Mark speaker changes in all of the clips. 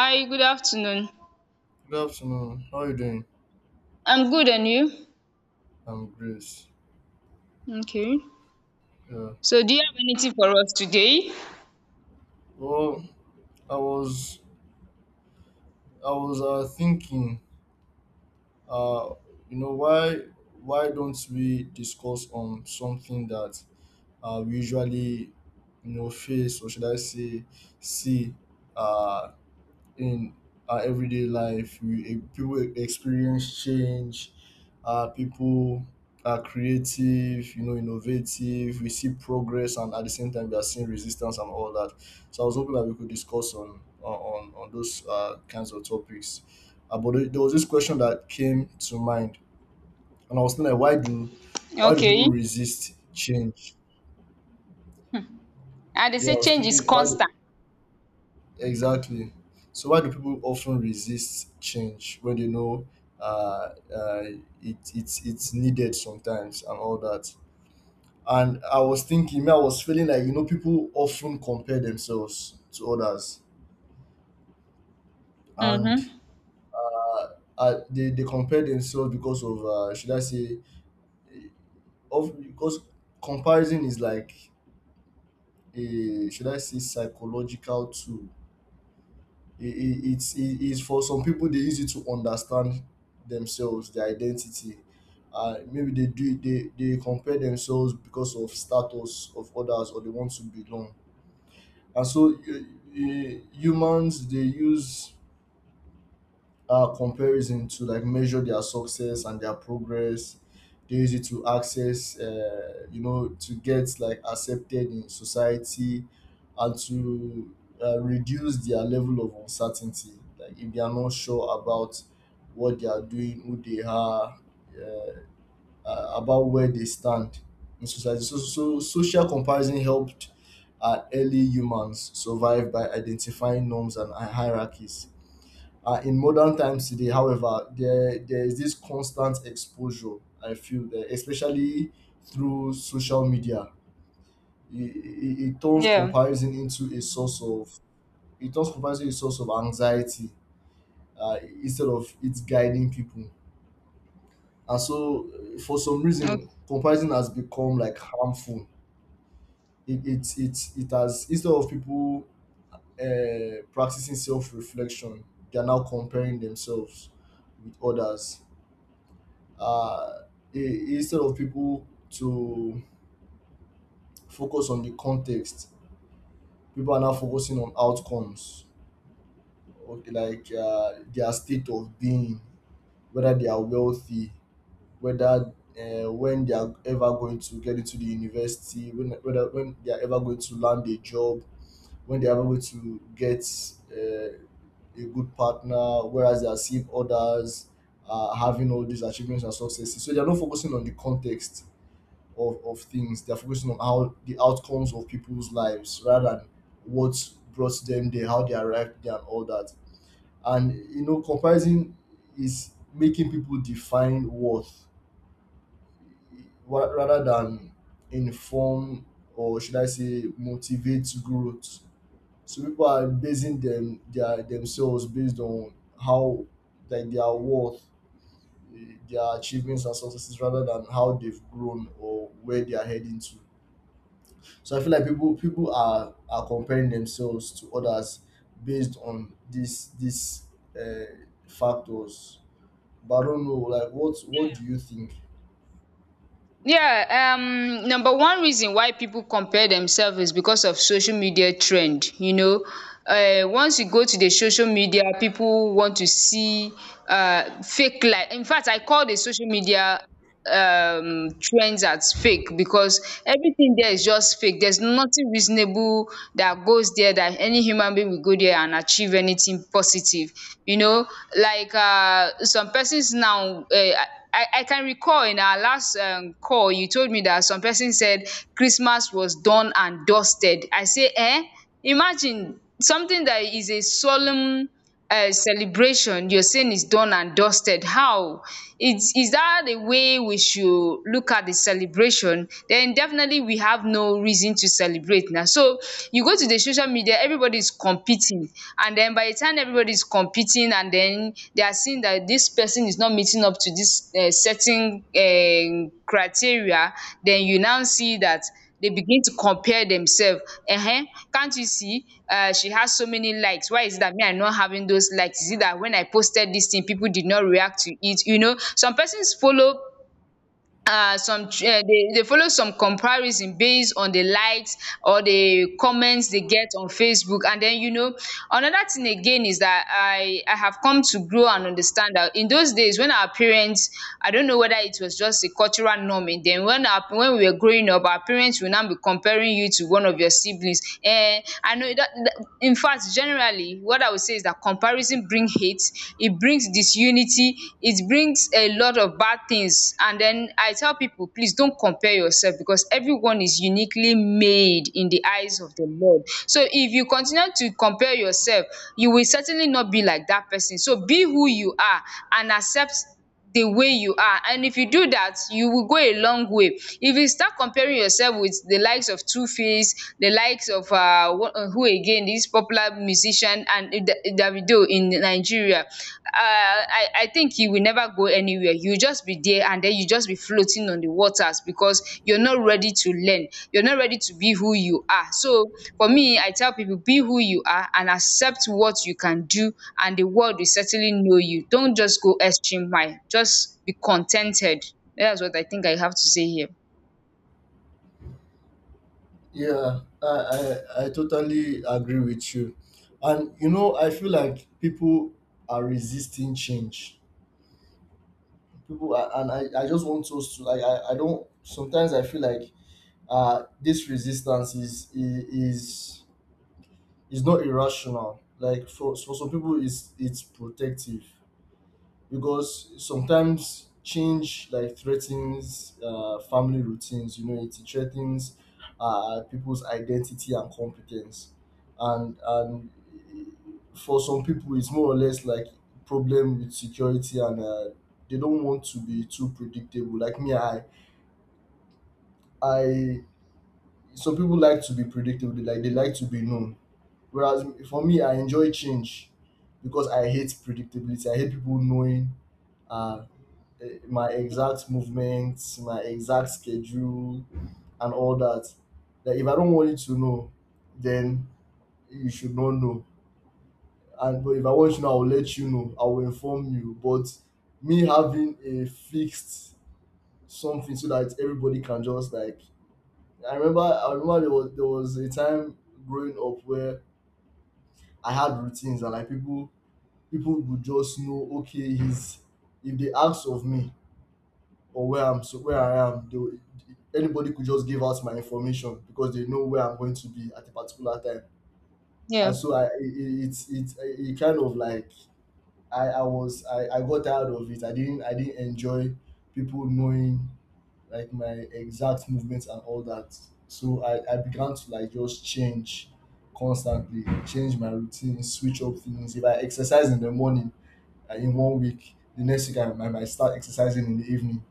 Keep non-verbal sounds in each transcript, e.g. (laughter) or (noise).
Speaker 1: Hi, good afternoon.
Speaker 2: Good afternoon. How are you doing?
Speaker 1: I'm good, and you?
Speaker 2: I'm great.
Speaker 1: Okay.
Speaker 2: Yeah.
Speaker 1: So, do you have anything for us today?
Speaker 2: Well, I was I was thinking, uh, you know, why why don't we discuss on something that we usually, face or should I say, see, uh, in our everyday life. We people experience change. People are creative, innovative. We see progress, and at the same time, we are seeing resistance and all that. So I was hoping that we could discuss on those kinds of topics. But there was this question that came to mind, and I was thinking, like, why do people
Speaker 1: Okay.
Speaker 2: resist change?
Speaker 1: And they
Speaker 2: Yeah,
Speaker 1: say
Speaker 2: I was
Speaker 1: change is
Speaker 2: thinking, why
Speaker 1: constant.
Speaker 2: exactly. So why do people often resist change when they know uh, uh, it's needed sometimes and all that? And I was thinking, me, I was feeling like people often compare themselves to others, and
Speaker 1: Mm-hmm.
Speaker 2: they compare themselves because of should I say, eh, of because comparison is like a should I say psychological tool, it's for some people, they use it to understand themselves, their identity. Maybe they compare themselves because of status of others, or they want to belong, and so humans, they use comparison to like measure their success and their progress. They use it to access, to get like accepted in society, and to reduce their level of uncertainty. Like if they are not sure about what they are doing, who they are, uh, about where they stand in society. So social comparison helped early humans survive by identifying norms and hierarchies. In modern times today, however, there is this constant exposure. I feel that especially through social media, it turns
Speaker 1: Yeah.
Speaker 2: comparison into a source of it turns comparison into a source of anxiety, instead of it's guiding people. And so, for some reason, comparison has become like harmful. It has, instead of people practicing self reflection, they are now comparing themselves with others. uh, Instead of people to focus on the context, people are now focusing on outcomes, okay, like their state of being, whether they are wealthy, whether when they are ever going to get into the university, when they are ever going to land a job, when they are ever going to get uh, a good partner, whereas they are seeing others having all these achievements and successes. So they are not focusing on the context of things. They're focusing on how the outcomes of people's lives rather than what brought them there, how they arrived there, and all that. And comparison is making people define worth, rather than inform, or should I say motivate growth. So people are basing themselves based on how, like, their worth, their achievements and successes rather than how they've grown or where they are heading to. So I feel like people are comparing themselves to others based on this factors. But I don't know, like what do you think?
Speaker 1: Yeah, number one reason why people compare themselves is because of social media trend. Once you go to the social media, people want to see fake life. In fact, I call the social media trends as fake, because everything there is just fake. There's nothing reasonable that goes there, that any human being will go there and achieve anything positive, you know like some persons now, I can recall in our last call, you told me that some person said Christmas was done and dusted. I say, eh? Imagine something that is a solemn celebration, you're saying is done and dusted. How? Is that the way we should look at the celebration? Then definitely we have no reason to celebrate now. So you go to the social media, everybody's competing. And then by the time everybody's competing and then they are seeing that this person is not meeting up to this certain criteria, then you now see that they begin to compare themselves. um can't you see, she has so many likes? Why is it that me, I am not having those likes? Is it that when I posted this thing people did not react to it? Some persons follow, some, they dey follow some comparison based on the likes or the comments they get on Facebook. And then, another thing again is that I have come to grow and understand that in those days when our parents, I don't know whether it was just a cultural norm in them, when our when we were growing up, our parents will now be comparing you to one of your siblings. And I know in fact, generally what I would say is that comparison bring hate, e it brings disunity, it brings a lot of bad things. And then I tell people, please don't compare yourself, because everyone is uniquely made in the eyes of the Lord. So if you continue to compare yourself, you will certainly not be like that person. So be who you are and accept the way you are, and if you do that, you will go a long way. If you start comparing yourself with the likes of Two Face, the likes of who again, this popular musician, and Davido in Nigeria, I think you will never go anywhere. You will just be there, and then you just be floating on the waters, because you're not ready to learn. You're not ready to be who you are. So for me, I tell people, be who you are and accept what you can do, and the world will certainly know you. Don't just go extreme mile. Just be contented. That's what I think I have to say here.
Speaker 2: Yeah, I totally agree with you, and I feel like people are resisting change. People are, and I just want us to like I don't, sometimes I feel like this resistance is it's not irrational. Like for, some people, it's protective because sometimes change like threatens family routines. You know, it threatens people's identity and competence, and for some people, it's more or less like problem with security and. They don't want to be too predictable. Like me, I. Some people like to be predictable. They like to be known. Whereas for me, I enjoy change because I hate predictability. I hate people knowing uh, my exact movements, my exact schedule, and all that. Like if I don't want you to know, then you should not know. And but if I want you to know, I'll let you know. I will inform you. But me having a fixed something so that everybody can just like, I remember there was a time growing up where I had routines, and like people would just know, okay, he's if they ask of me or where I am, anybody could just give out my information because they know where I'm going to be at a particular time. And
Speaker 1: Yeah.
Speaker 2: so I it's it, it, it kind of like, I got tired of it. I didn't enjoy people knowing like my exact movements and all that. So I began to like just change, constantly change my routine, switch up things. If I exercise in the morning and in one week, the next week I might start exercising in the evening,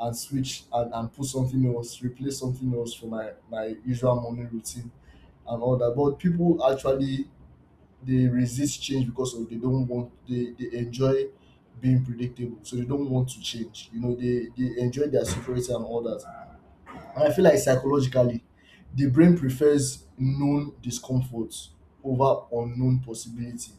Speaker 2: and switch and put something else, replace something else for my usual morning routine and all that. But people actually, they resist change because of, they don't want, they enjoy being predictable, so they don't want to change. They enjoy their security and all that. And I feel like psychologically, the brain prefers known discomfort over unknown possibility.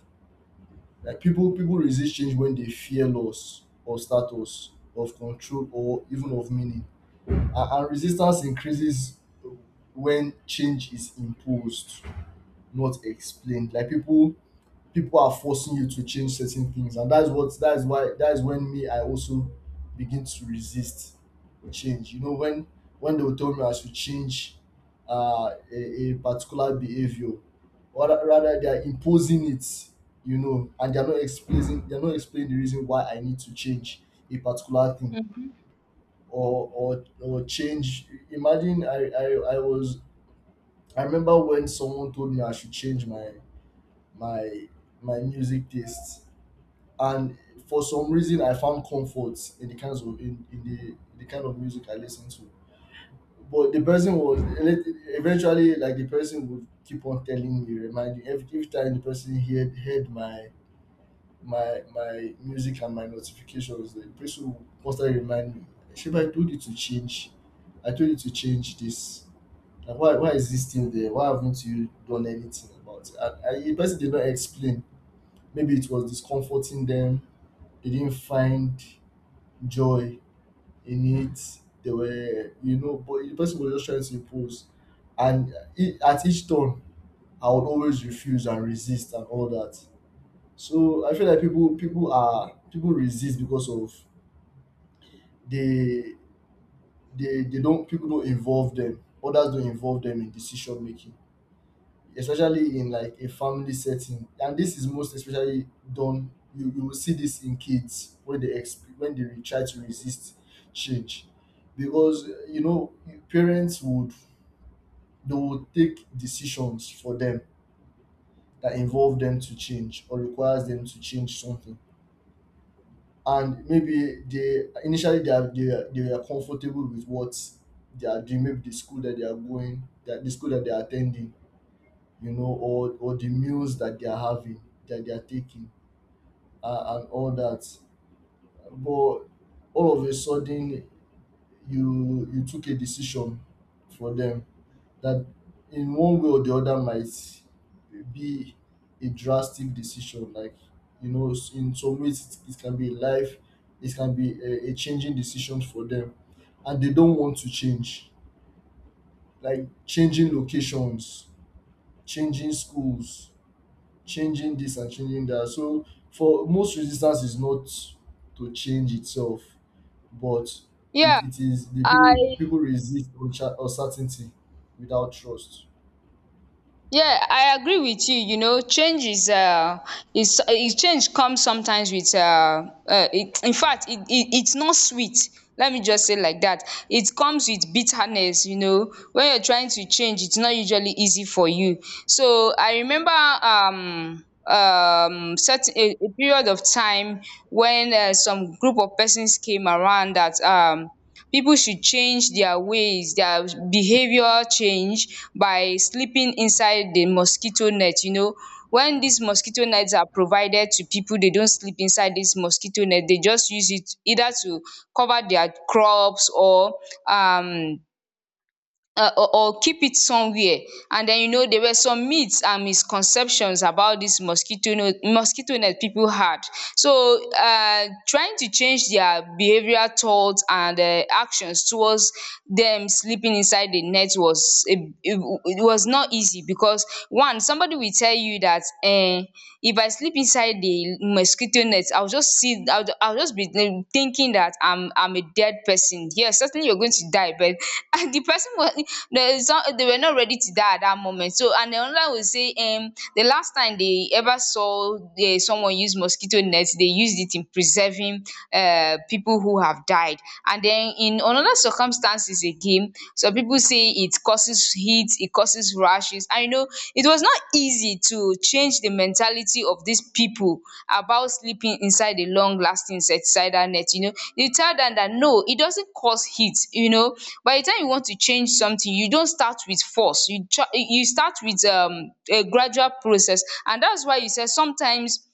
Speaker 2: Like people resist change when they fear loss or status, of control, or even of meaning. And resistance increases when change is imposed, not explained. Like people are forcing you to change certain things, and that's what that's why that's when, me, I also begin to resist change. When they will tell me I should change a particular behavior, or rather they are imposing it. And they're not explaining the reason why I need to change a particular thing, or change imagine, I remember when someone told me I should change my my music taste. And for some reason, I found comfort in the kind of music I listen to. But the person was eventually, like, the person would keep on telling me, reminding every time the person heard my music and my notifications, the person would constantly remind me, Sheba, I told you to change. I told you to change this. Like why is this still there? Why haven't you done anything about it? And the person did not explain. Maybe it was discomforting them. They didn't find joy in it. They were, but the person was just trying to impose. And it at each turn, I would always refuse and resist and all that. So I feel like people resist because of, they they don't people don't involve them. Others don't involve them in decision making, especially in like a family setting. And this is most especially done, you will see this in kids when they try to resist change. Because parents would, they will take decisions for them that involve them to change or requires them to change something. And maybe they, initially, they are they are comfortable with what they are doing. Maybe the school that they are going that the school that they are attending, or the meals that they are having, that they are taking, and all that. But all of a sudden, you took a decision for them that, in one way or the other, might be a drastic decision. Like in some ways, it can be life, it can be a changing decision for them, and they don't want to change. Like changing locations, changing schools, changing this and changing that. So for most, resistance is not to change itself, but
Speaker 1: Yeah.
Speaker 2: it is the,
Speaker 1: I
Speaker 2: people resist uncertainty without trust.
Speaker 1: Yeah, I agree with you. Change is change comes sometimes with in fact, it's not sweet. Let me just say like that. It comes with bitterness. When you're trying to change, it's not usually easy for you. So I remember, certain a period of time when, some group of persons came around that, people should change their ways, their behaviour, change by sleeping inside the mosquito net. When these mosquito nets are provided to people, they don't sleep inside this mosquito net. They just use it either to cover their crops, or um keep it somewhere. And den, there were some myths and misconceptions about dis mosquito no- mosquito net pipu had. So, trying to change their behavioral thought and, actions towards dem sleeping inside the net was, it it was not easy. Because one somebody will tell you dat, if I sleep inside the mosquito nets, I'll just be, thinking that I'm a dead person. Yes, certainly you're going to die, but (laughs) and the person was they were not ready to die at that moment. So, and then another will say, the last time they ever saw, someone use mosquito nets, they used it in preserving people who have died. And then in another circumstances again, some people say it causes heat, it causes rashes. And, it was not easy to change the mentality of these people about sleeping inside a long lasting insecticidal net. You know, you tell them that no, it doesn't cause heat. You know, by the time you want to change something, you don't start with force. You try, you start with, a gradual process. And that's why you said sometimes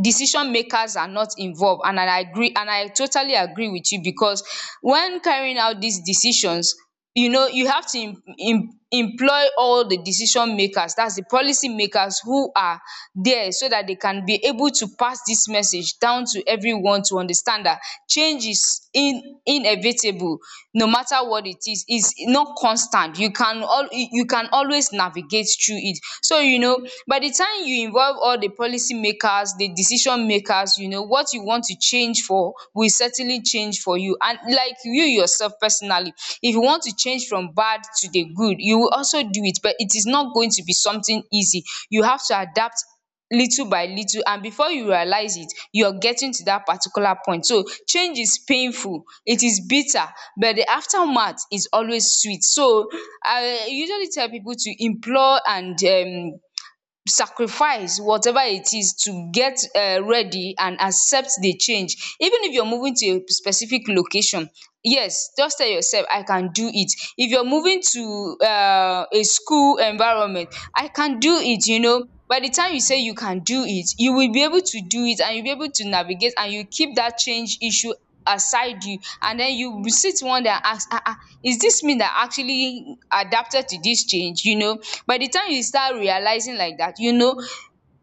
Speaker 1: decision makers are not involved, and I agree. And I totally agree with you, because when carrying out these decisions, you have to im im employ all the decision makers, that's the policy makers, who are there, so that they can be able to pass this message down to everyone to understand that change is, in inevitable. No matter what it is not constant. You can always navigate through it. So by the time you involve, tell all the policy makers, the decision makers, you know what you want to change for, will certainly change for you. And like you yourself personally, if you want to change from bad to the good, you will also do it. But it is not going to be something easy. You have to adapt little by little, and before you realize it, you're getting to that particular point. So change is painful, it is bitter, but the aftermath is always sweet. So I usually tell people to implore and, sacrifice whatever it is, to get, ready and accept the change. Even if you're moving to a specific location, yes, just tell yourself, I can do it. If you're moving to, a school environment, I can do it. By the time you say you can do it, you will be able to do it, and you'll be able to navigate. And you keep that change issue aside, you, and then you will sit one day and ask, ah ah, is this me that actually adapted to this change? By the time you start realizing like that,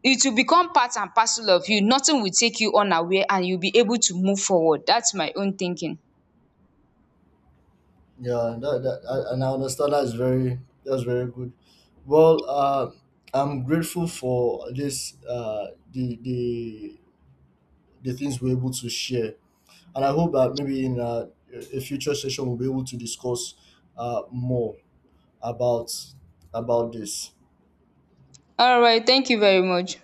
Speaker 1: it will become part and parcel of you. Nothing will take you unaware, and you'll be able to move forward. That's my own thinking.
Speaker 2: Yeah, and I understand. That's very good. Well, I'm grateful for this the things we're able to share, and I hope that maybe in a future session we'll be able to discuss more about about this.
Speaker 1: All right, thank you very much.